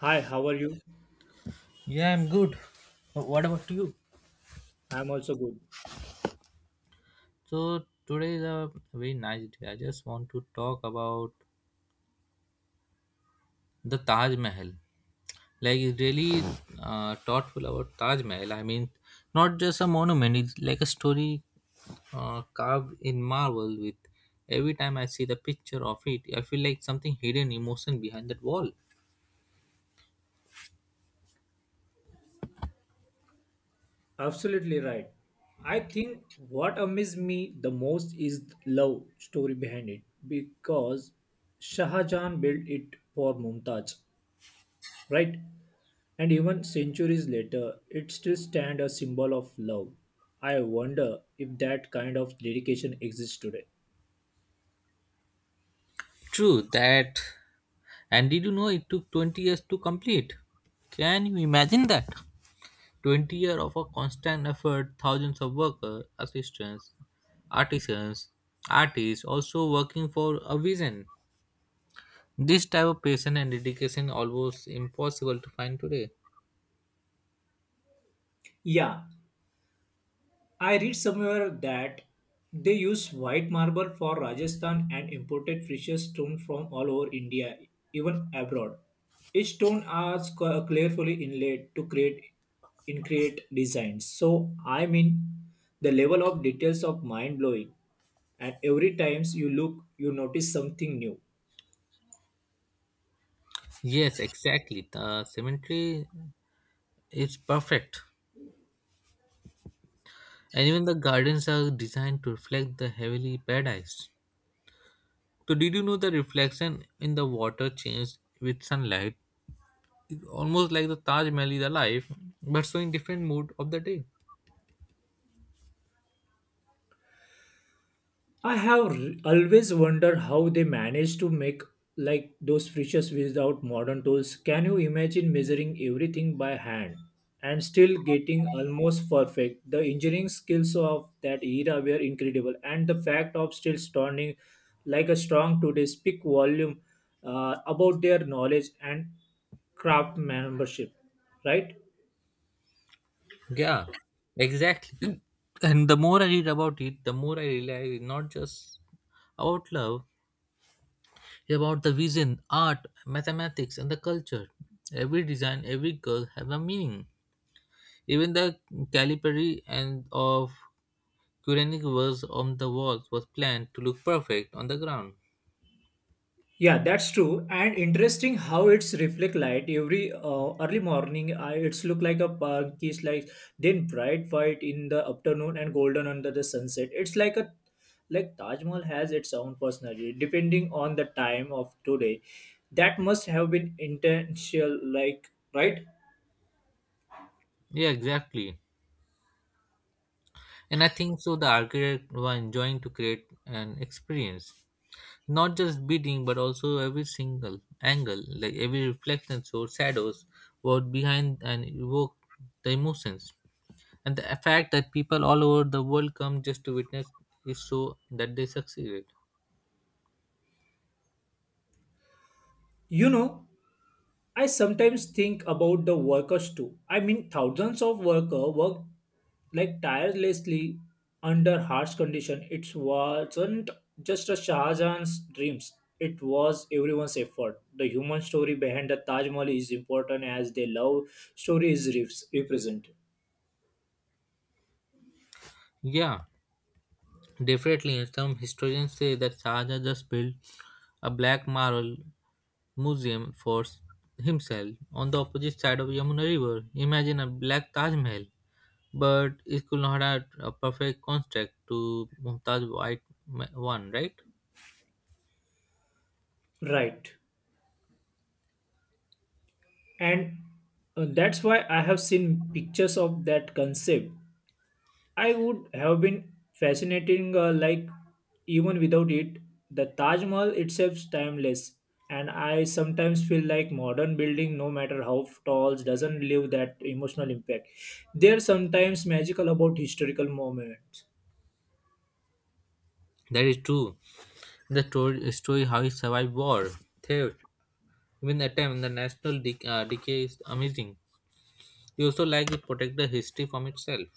Hi, how are you? Yeah, I'm good. What about you? I'm also good. So today is a very nice day. I just want to talk about the Taj Mahal. Like it's really thoughtful about Taj Mahal. I mean, not just a monument. It's like a story carved in marble. With every time I see the picture of it, I feel like something hidden emotion behind that wall. Absolutely right. I think what amazed me the most is the love story behind it because Shah Jahan built it for Mumtaz, right? And even centuries later, it still stands a symbol of love. I wonder if that kind of dedication exists today. True that. And did you know it took 20 years to complete? Can you imagine that? 20 years of a constant effort, thousands of workers, assistants, artisans, artists also working for a vision. This type of passion and dedication almost impossible to find today. Yeah, I read somewhere that they use white marble for Rajasthan and imported precious stone from all over India, even abroad. Each stone are carefully inlaid to create in create designs. So I mean, the level of details of mind blowing, and every times you look, you notice something new. Yes, exactly. The cemetery is perfect. And even the gardens are designed to reflect the heavenly paradise. So did you know the reflection in the water changed with sunlight? It's almost like the Taj Mahal is alive, but showing different mood of the day. I have r- Always wondered how they managed to make like those fishes without modern tools. Can you imagine measuring everything by hand and still getting almost perfect? The engineering skills of that era were incredible, and the fact of still standing like a strong today speak volume about their knowledge and craft membership, right? Yeah, exactly. And the more I read about it, the more I realize it's not just about love, it's about the vision, art, mathematics, and the culture. Every design, every curve have a meaning. Even the Calipari and of Quranic verse on the walls was planned to look perfect on the ground. Yeah, that's true. And interesting how it's reflect light every early morning. It's look like a park is like then bright white in the afternoon and golden under the sunset. It's like a like Taj Mahal has its own personality depending on the time of today. That must have been intentional, like right? Yeah, exactly. And I think so the architect was enjoying to create an experience. Not just building but also every single angle, like every reflection or shadows what behind and evoke the emotions. And the fact that people all over the world come just to witness is so that they succeeded. You know, I sometimes think about the workers too. I mean, thousands of workers work like tirelessly under harsh condition. It wasn't just a Shahjahan's dreams. It was everyone's effort. The human story behind the Taj Mahal is important as the love story is represented. Yeah. Definitely, and some historians say that Shahjahan just built a black marble museum for himself on the opposite side of Yamuna River. Imagine a black Taj Mahal, but it could not have a perfect construct to Mumtaz White one, right? Right. And that's why I have seen pictures of that concept I would have been fascinating, like even without it, the Taj Mahal itself is timeless. And I sometimes feel like modern building, no matter how tall, doesn't leave that emotional impact. There's sometimes magical about historical moments. That is true. The story how he survived war, theft, even attempt the national decay is amazing. You also like to protect the history from itself.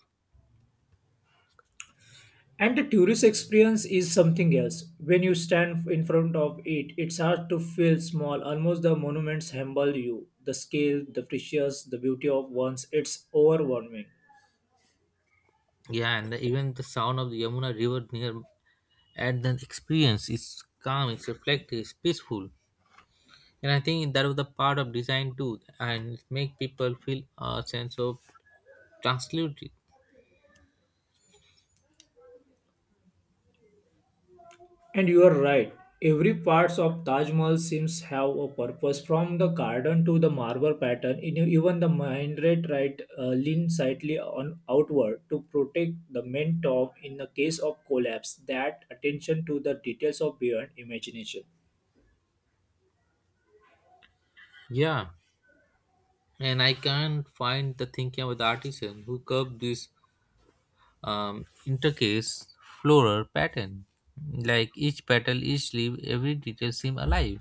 And the tourist experience is something else. When you stand in front of it, it's hard to feel small. Almost the monuments humble you. The scale, the precious, the beauty of ones, it's overwhelming. Yeah, and even the sound of the Yamuna River near and the experience is calm, it's reflective, it's peaceful, and I think that was the part of design too, and it make people feel a sense of tranquility. And you are right. Every parts of Taj Mahal seems have a purpose, from the garden to the marble pattern. Even the minaret right lean slightly on outward to protect the main top in the case of collapse. That attention to the details of beyond imagination. Yeah, and I can't find the thinking about the artisan who carved this intercase floral pattern. Like each petal, each leaf, every detail seem alive,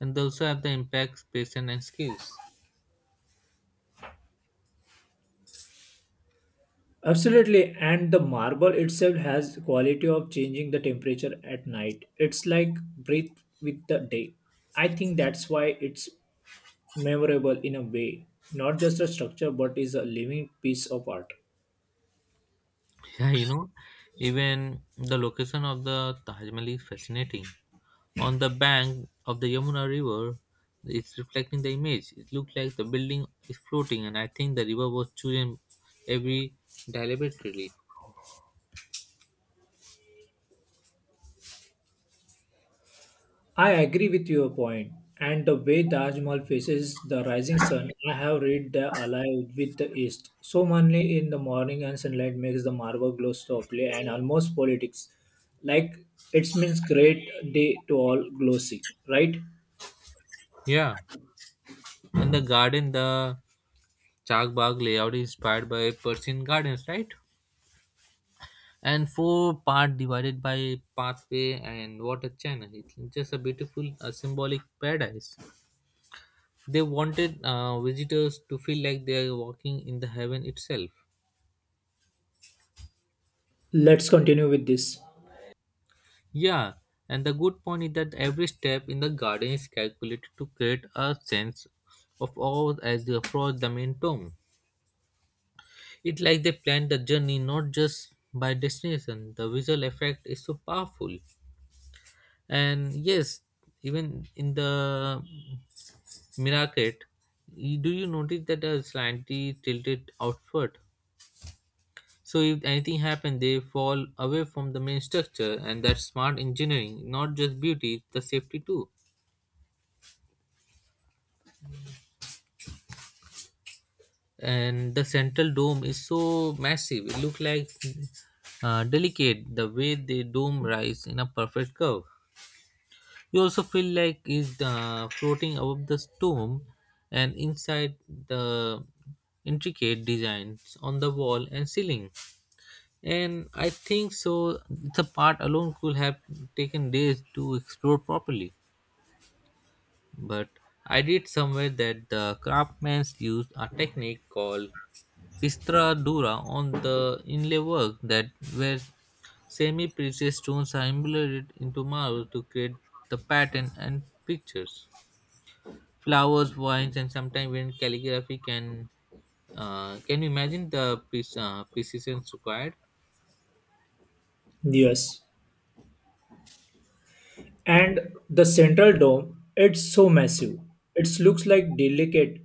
and they also have the impact patience and skills. Absolutely, and the marble itself has the quality of changing the temperature at night. It's like breathe with the day. I think that's why it's memorable in a way, not just a structure but is a living piece of art. Yeah, you know, even the location of the Taj Mahal is fascinating. On the bank of the Yamuna River, it's reflecting the image. It looked like the building is floating, and I think the river was chosen every deliberately. I agree with your point, and the way Taj Mahal faces the rising sun, I have read the alive with the east. So mainly in the morning and sunlight makes the marble glow softly and almost politics, like it means great day to all glossy, right? Yeah, and the garden, the Chag Bagh layout is inspired by Persian gardens, right? And four-part divided by pathway and water channel. It's just a beautiful, a symbolic paradise. They wanted visitors to feel like they are walking in the heaven itself. Let's continue with this. Yeah, and the good point is that every step in the garden is calculated to create a sense of awe as they approach the main tomb. It's like they plan the journey not just by destination. The visual effect is so powerful. And yes, even in the Miraket, do you notice that the slightly tilted outward? So if anything happens, they fall away from the main structure, and that's smart engineering, not just beauty, it's the safety too. And the central dome is so massive; it looks like delicate. The way the dome rise in a perfect curve, you also feel like it's floating above the dome, and inside the intricate designs on the wall and ceiling. And I think so. The part alone could have taken days to explore properly. But I read somewhere that the craftsmen used a technique called pistra dura on the inlay work that where semi-precious stones are embedded into marble to create the pattern and pictures. Flowers, vines, and sometimes even calligraphy can you imagine the precision required? Yes. And the central dome, it's so massive. It looks like delicate.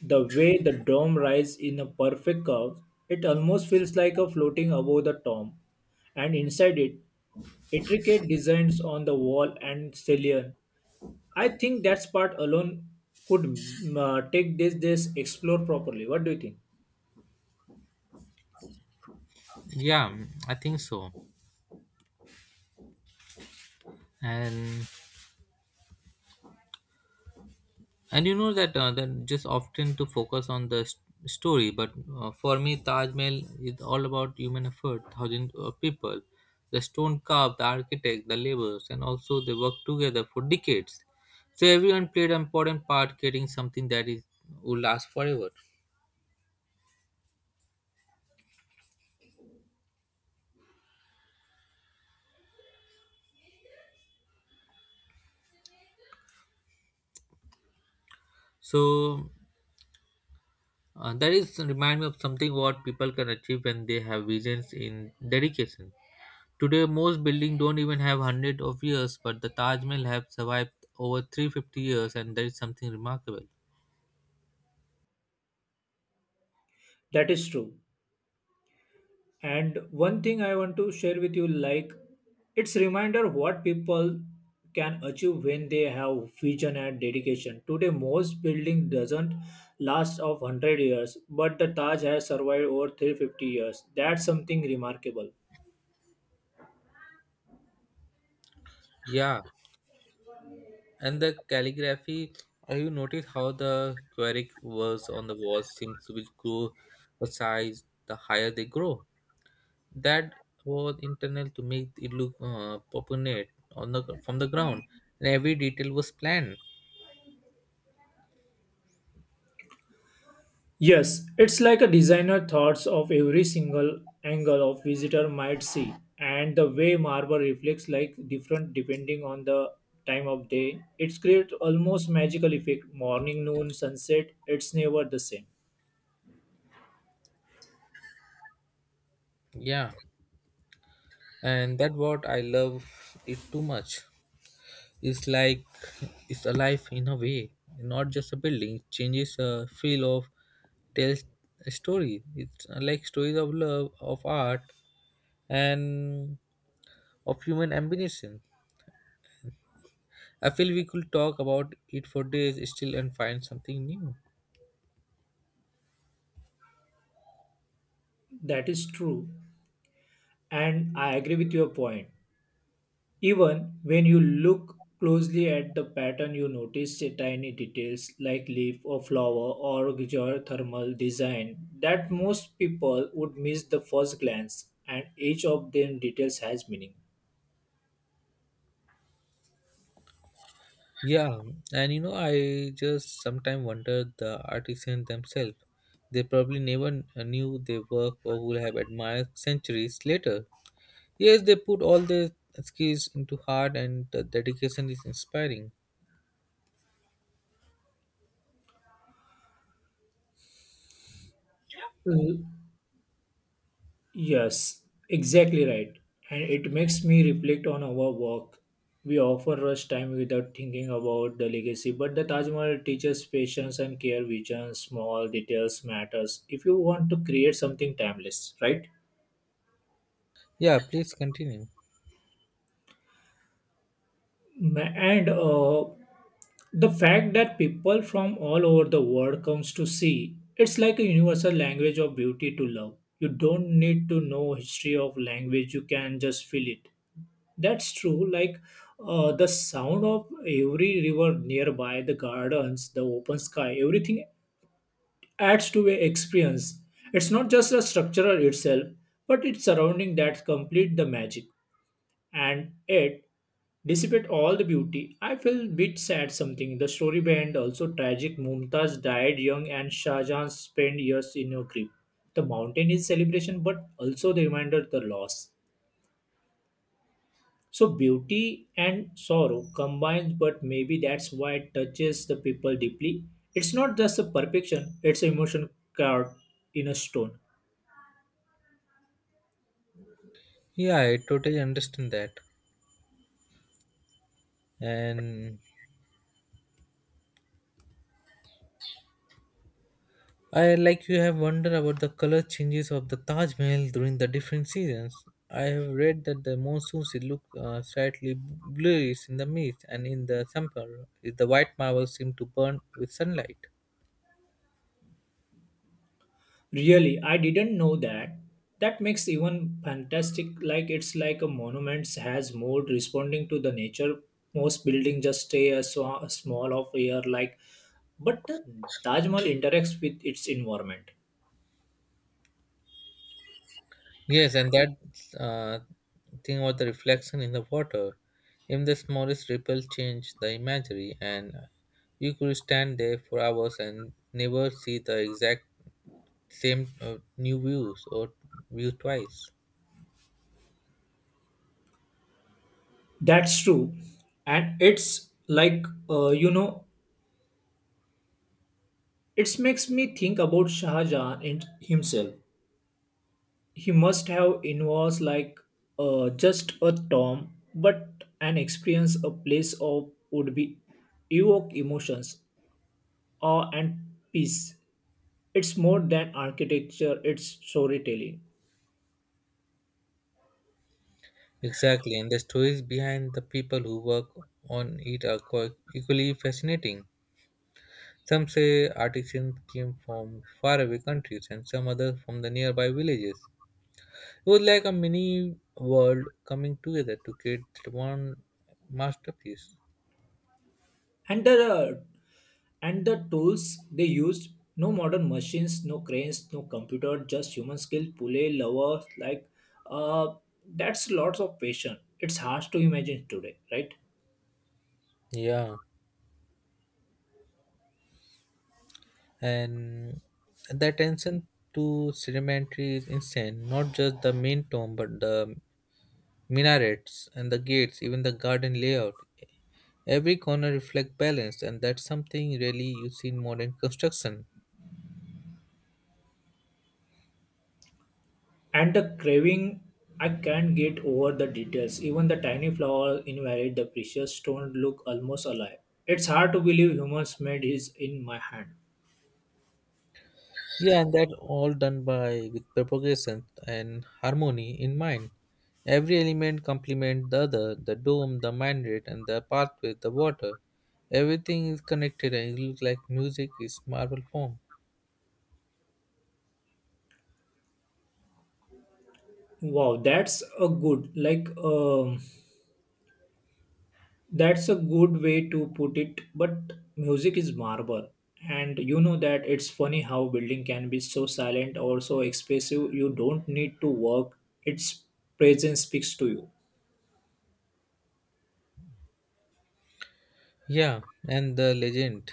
The way the dome rises in a perfect curve, it almost feels like a floating above the tomb. And inside it, intricate designs on the wall and ceiling. I think that part alone could take this explore properly. What do you think? Yeah, I think so. And and you know that that just often to focus on the story, but for me Taj Mahal is all about human effort, thousands of people, the stone carved, the architect, the laborers, and also they worked together for decades. So everyone played an important part creating something that is will last forever. So that is remind me of something what people can achieve when they have visions in dedication. Today, most buildings don't even have hundreds of years, but the Taj Mahal have survived over 350 years, and that is something remarkable. That is true. And one thing I want to share with you like it's reminder what people can achieve when they have vision and dedication. Today most building doesn't last of 100 years but the Taj has survived over 350 years. That's something remarkable. Yeah, and the calligraphy. Have you noticed how the Queric words on the walls seems to be grow a size the higher they grow? That was internal to make it look proportionate on the from the ground, and every detail was planned. Yes, it's like a designer thoughts of every single angle of visitor might see, and the way marble reflects like different depending on the time of day. It's create almost magical effect. Morning, noon, sunset. It's never the same. Yeah, and that what I love it too much. It's like it's alive in a way, not just a building. It changes a feel of tells a story. It's like stories of love, of art, and of human ambition. I feel we could talk about it for days still and find something new. That is true, and I agree with your point. Even when you look closely at the pattern, you notice the tiny details like leaf or flower or geothermal design that most people would miss the first glance, and each of them details has meaning. Yeah, and you know, I just sometimes wonder the artisans themselves. They probably never knew their work or would have admired centuries later. Yes, they put all their skills into heart and the dedication is inspiring. L- Yes, exactly right. And it makes me reflect on our work. We often rush time without thinking about the legacy, but the Taj Mahal teaches patience and care, vision, small details matters if you want to create something timeless, right? Yeah, please continue. And the fact that people from all over the world comes to see it's like a universal language of beauty to love. You don't need to know history of language, you can just feel it. That's true, like the sound of every river nearby, the gardens, the open sky, everything adds to a experience. It's not just the structure itself but its surrounding that complete the magic. And yet dissipate all the beauty. I feel a bit sad something. The story behind also tragic. Mumtaz died young and Shah Jahan spent years in a grave. The mountain is celebration but also the reminder of the loss. So beauty and sorrow combined but maybe that's why it touches the people deeply. It's not just a perfection, it's an emotion carved in a stone. Yeah, I totally understand that. And I like you have wondered about the color changes of the Taj Mahal during the different seasons. I have read that the monsoons it look slightly bluish in the mist, and in the summer the white marble seem to burn with sunlight. Really, I didn't know that. That makes even fantastic like it's like a monument has mode responding to the nature. Most building just stay a, so, a small of air like but the Taj Mahal interacts with its environment. Yes, and that uh, thing about the reflection in the water, even the smallest ripple change the imagery, and you could stand there for hours and never see the exact same new views or view twice. That's true. And it's like you know, it makes me think about Shah Jahan and himself. He must have involved like just a tom, but an experience, a place of would be evoke emotions, awe and peace. It's more than architecture, it's storytelling. Exactly, and the stories behind the people who work on it are quite equally fascinating. Some say artisans came from faraway countries, and some others from the nearby villages. It was like a mini world coming together to create that one masterpiece. And the uh, and the tools they used, no modern machines, no cranes, no computer, just human skill, pulley lovers, like uh, that's lots of passion. It's hard to imagine today, right? Yeah, and the attention to sedimentary is insane. Not just the main tomb, but the minarets and the gates, even the garden layout. Every corner reflects balance, and that's something really you see in modern construction. And the craving, I can't get over the details. Even the tiny flower invalid, the precious stone look almost alive. It's hard to believe humans made his in my hand. Yeah, and that all done by with propagation and harmony in mind. Every element complements the other, the dome, the mandate, and the pathway, the water. Everything is connected and it looks like music is marble form. Wow, that's a good like that's a good way to put it. But music is marble, and you know that it's funny how building can be so silent or so expressive. You don't need to work; its presence speaks to you. Yeah, and the legend.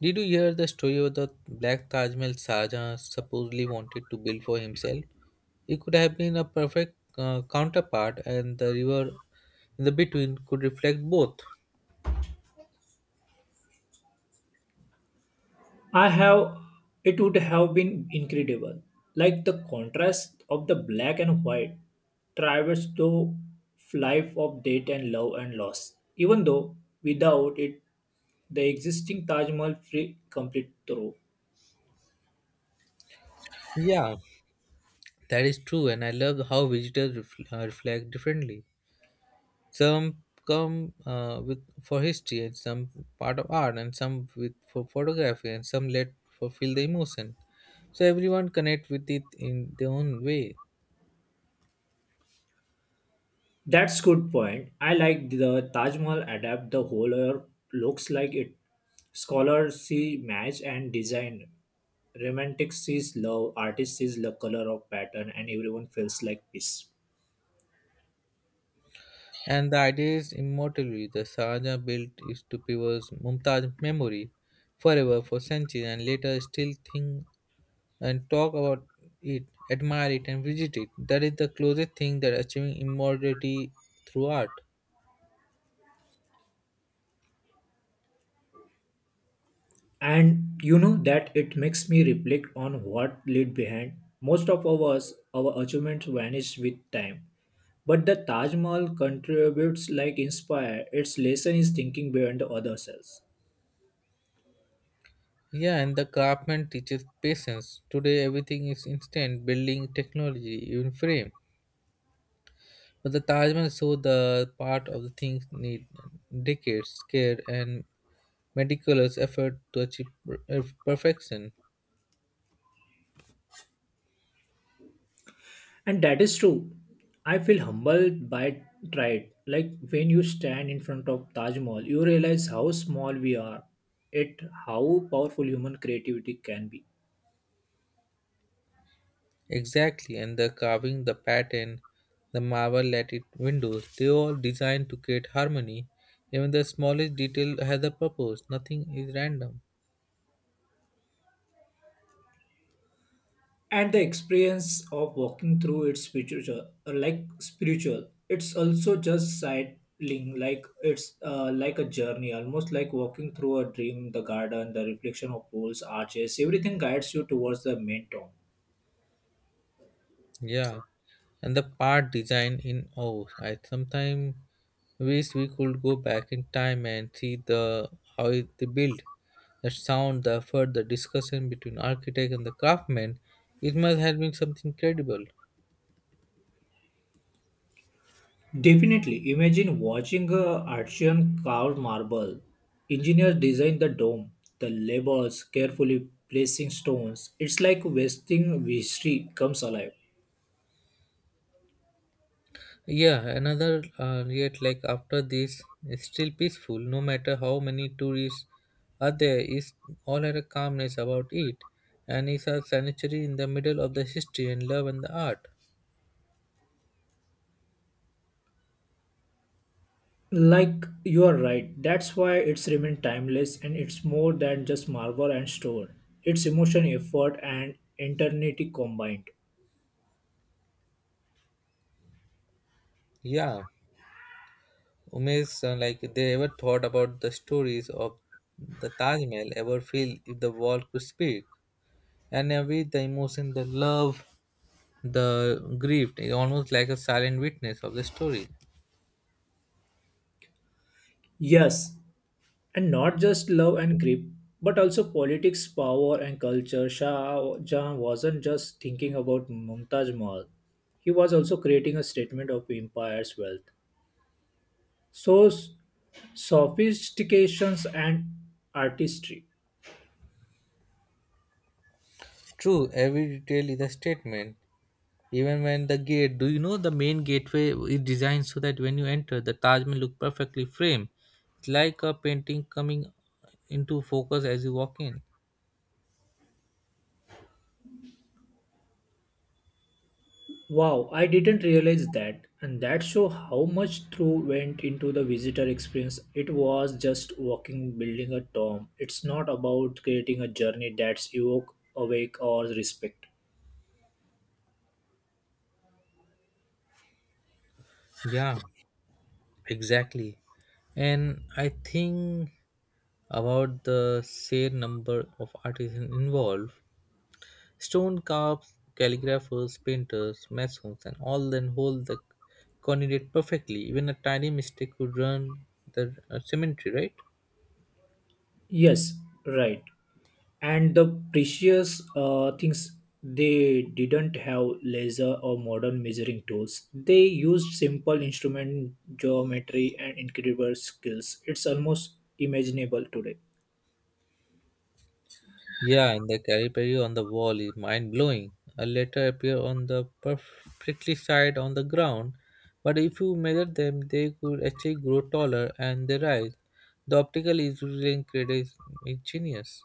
Did you hear the story of the black Taj Mahal Shah Jahan supposedly wanted to build for himself? It could have been a perfect counterpart, and the river in the between could reflect both. I have it would have been incredible. Like the contrast of the black and white traverse the life of death and love and loss. Even though without it the existing Taj Mahal free complete through. Yeah, that is true, and I love how visitors reflect differently. Some come with for history, and some part of art, and some with for photography, and some let for feel the emotion. So everyone connect with it in their own way, That's good point. I like the Taj Mahal adapt the whole or looks like it. Scholars see match and design. Romantic sees love, artist sees the color of pattern and everyone feels like peace. and the idea is immortality. The Saraja built is to preserve Mumtaz memory forever for centuries, and later still think and talk about it, admire it, and visit it. That is the closest thing that achieving immortality through art. And you know that it makes me reflect on what laid behind most of ours, our achievements vanish with time, but the Taj Mahal contributes like inspire. Its lesson is thinking beyond the other selves. Yeah, and the craftsman teaches patience. Today, everything is instant building, technology, even frame. But the Taj Mahal showed the part of the things need decades, care, and meticulous effort to achieve perfection. And that is true. I feel humbled by pride, like when you stand in front of Taj Mahal you realize how small we are. It, how powerful human creativity can be. Exactly, and the carving, the pattern, the marble lated windows, they all designed to create harmony. Even the smallest detail has a purpose. Nothing is random. And the experience of walking through it's spiritual, like spiritual, it's also just sightling, like it's like a journey, almost like walking through a dream, the garden, the reflection of pools, arches, everything guides you towards the main town. Yeah. And the part design in, oh, I sometimes wish we could go back in time and see the they build the sound, the effort, the discussion between architect and the craftsman. It must have been something credible. Definitely imagine watching a artisan carved marble, engineers design the dome, the labors carefully placing stones, it's like wasting history comes alive. Yeah, another yet like after this it's still peaceful, no matter how many tourists are there is all had a calmness about it, and it's a sanctuary in the middle of the history and love and the art. Like you are right, that's why it's remained timeless and it's more than just marble and stone. It's emotion, effort, and eternity combined. Yeah, Umesh, like they ever thought about the stories of the Taj Mahal, ever feel if the wall could speak, and every the emotion, the love, the grief, is almost like a silent witness of the story. Yes, and not just love and grip, but also politics, power, and culture. Shah Jahan wasn't just thinking about Mumtaz Mahal; he was also creating a statement of empire's wealth. So, sophistications and artistry. True, every detail is a statement. Even when the gate, do you know the main gateway is designed so that when you enter, the Taj Mahal look perfectly framed. It's like a painting coming into focus as you walk in. Wow, I didn't realize that. And that show how much through went into the visitor experience. It was just walking, building a tomb. It's not about creating a journey that's evoke, awake, or respect. Yeah. Exactly. And I think about the sheer number of artisans involved, stone carvers, calligraphers, painters, masons, and all then hold the coordinate perfectly. Even a tiny mistake could ruin the cemetery, right? Yes, right. And the precious things, they didn't have laser or modern measuring tools. They used simple instrument geometry and incredible skills. It's almost imaginable today. Yeah, and the Calipari on the wall is mind blowing. A letter appear on the perfectly side on the ground, but if you measure them, they could actually grow taller and they rise. The optical is really incredible, ingenious.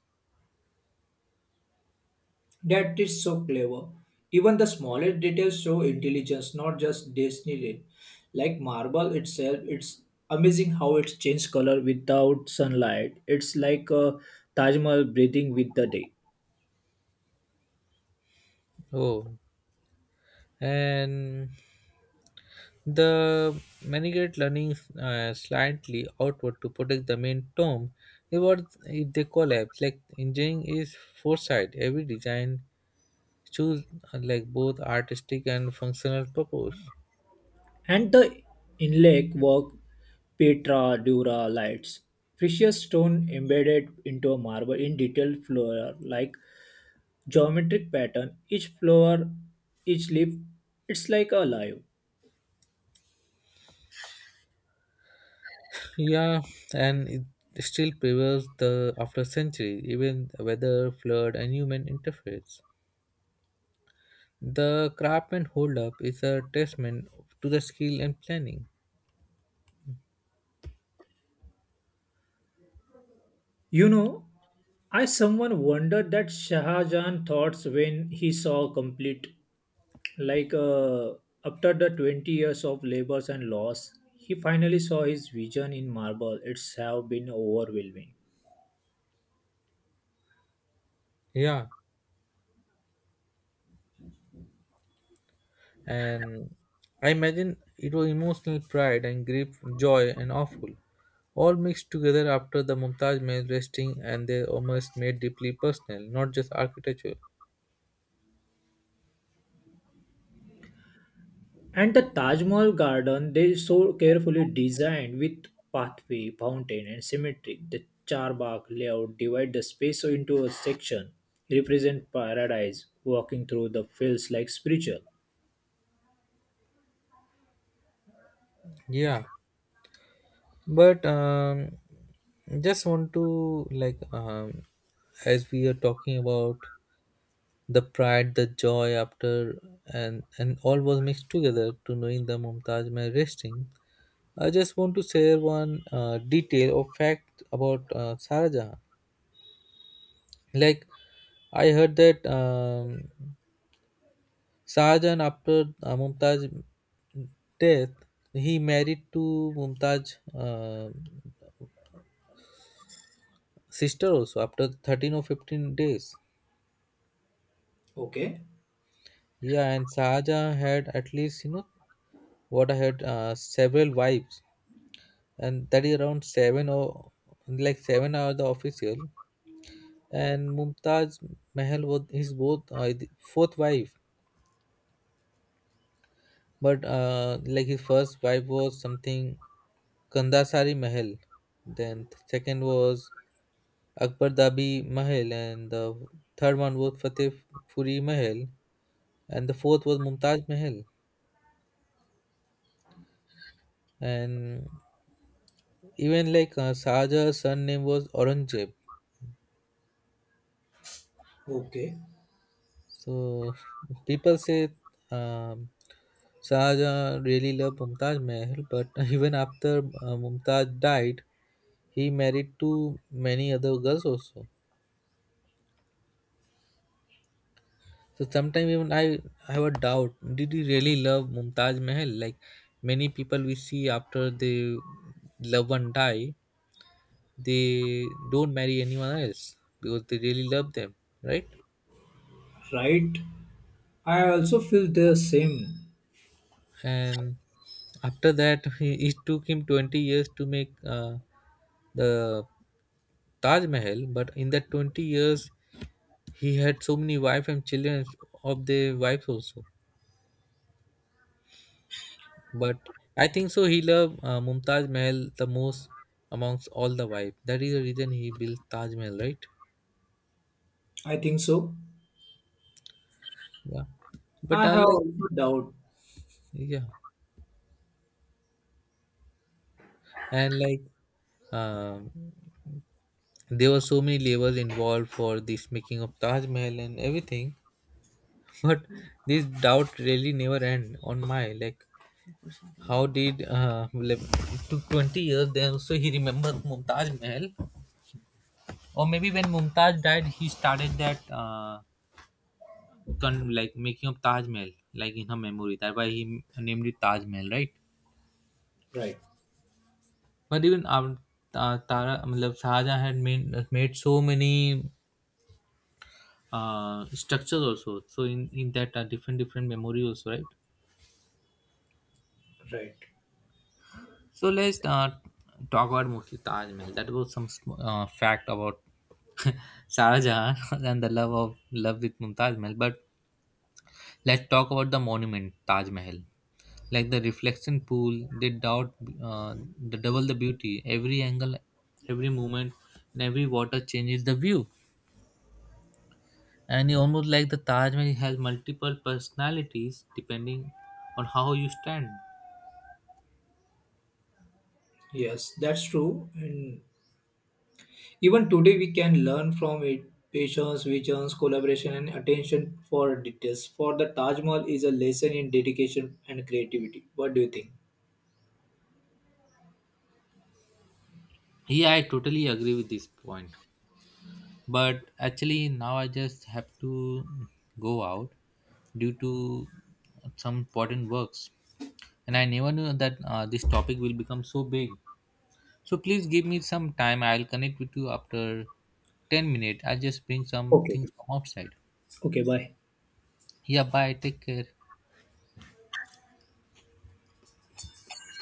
That is so clever. Even the smallest details show intelligence, not just destiny. Like marble itself, it's amazing how it's changed color without sunlight. It's like a Taj Mahal breathing with the day. Oh, and the manigrette leaning slightly outward to protect the main tomb is what if they collapse. Like engineering is foresight. Every design choose like both artistic and functional purpose. And the inlay work, Petra, Dura lights, precious stone embedded into a marble in detailed flower, like geometric pattern. Each flower, each leaf, it's like alive. Yeah, and it still prevails the after century, even weather, flood, and human interference. The craftsman hold up is a testament to the skill and planning. You know, I someone wondered that Shah Jahan thoughts when he saw complete, like after the 20 years of labors and loss, he finally saw his vision in marble. It's have been overwhelming. Yeah, and I imagine it was emotional pride and grief, joy and awful, all mixed together after the Mumtaz men resting and their almost made deeply personal, not just architectural. And the Taj Mahal garden, they so carefully designed with pathway, fountain, and symmetric. The charbagh layout divide the space into a section, represent paradise, walking through the fields like spiritual. Yeah, but just want to like as we are talking about the pride the joy after and all was mixed together to knowing the Mumtaz Mahal resting, I just want to share one detail or fact about Sarah Jahan. Like I heard that Sarah Jahan after Mumtaz death, he married to Mumtaz sister also after 13 or 15 days. Okay, Yeah, and Sahaja had, at least you know what, I had several wives, and that is around seven, or like seven are the official. And Mumtaz Mahal was his both, the fourth wife. But like his first wife was something Kandasari Mahal, then second was Akbar Dabi Mahal, and the third one was Fateh Puri Mahal, and the fourth was Mumtaz Mahal. And even like Shahjahan's surname was Aurangzeb. okay. So people say, um, Shahjahan really loved Mumtaz Mahal, but even after Mumtaz died, he married to many other girls also. So sometimes even I have a doubt: did he really love Mumtaz Mahal? Like many people we see, after they love one die, they don't marry anyone else because they really love them, right? Right? I also feel the same. And after that he, it took him 20 years to make the Taj Mahal, but in that 20 years he had so many wife and children of their wives also. But I think so he loved Mumtaz Mahal the most amongst all the wife. That is the reason he built Taj Mahal, right? I think so. Yeah, but I have unlike, also doubt. yeah, and like um, there were so many labors involved for this making of Taj Mahal and everything. But this doubt really never end on my, like, how did like, it took 20 years, then also he remembered Mumtaz Mahal. Or maybe when Mumtaz died he started that like making of Taj Mahal, like in her memory. That's why he named it Taj Mahal, right? Right, But even tara, I mean Shahjahan had made so many structures also, so in that different different memory also, right? right. So let's talk about mostly Taj Mahal. That was some fact about Shah Jahan and the love of love with Mumtaz Mahal. But let's talk about the monument Taj Mahal. Like the reflection pool, they doubt the double the beauty. Every angle, every movement, and every water changes the view. And it almost like the Taj Mahal has multiple personalities depending on how you stand. Yes, that's true. And even today we can learn from it. Patience, visions, collaboration, and attention for details. For the Taj Mahal is a lesson in dedication and creativity. What do you think? Yeah, I totally agree with this point. But actually now I just have to go out due to some important works, and I never knew that this topic will become so big. So please give me some time, I'll connect with you after 10 minutes. I'll just bring some Okay. things from outside. Okay, bye. Yeah, bye, take care.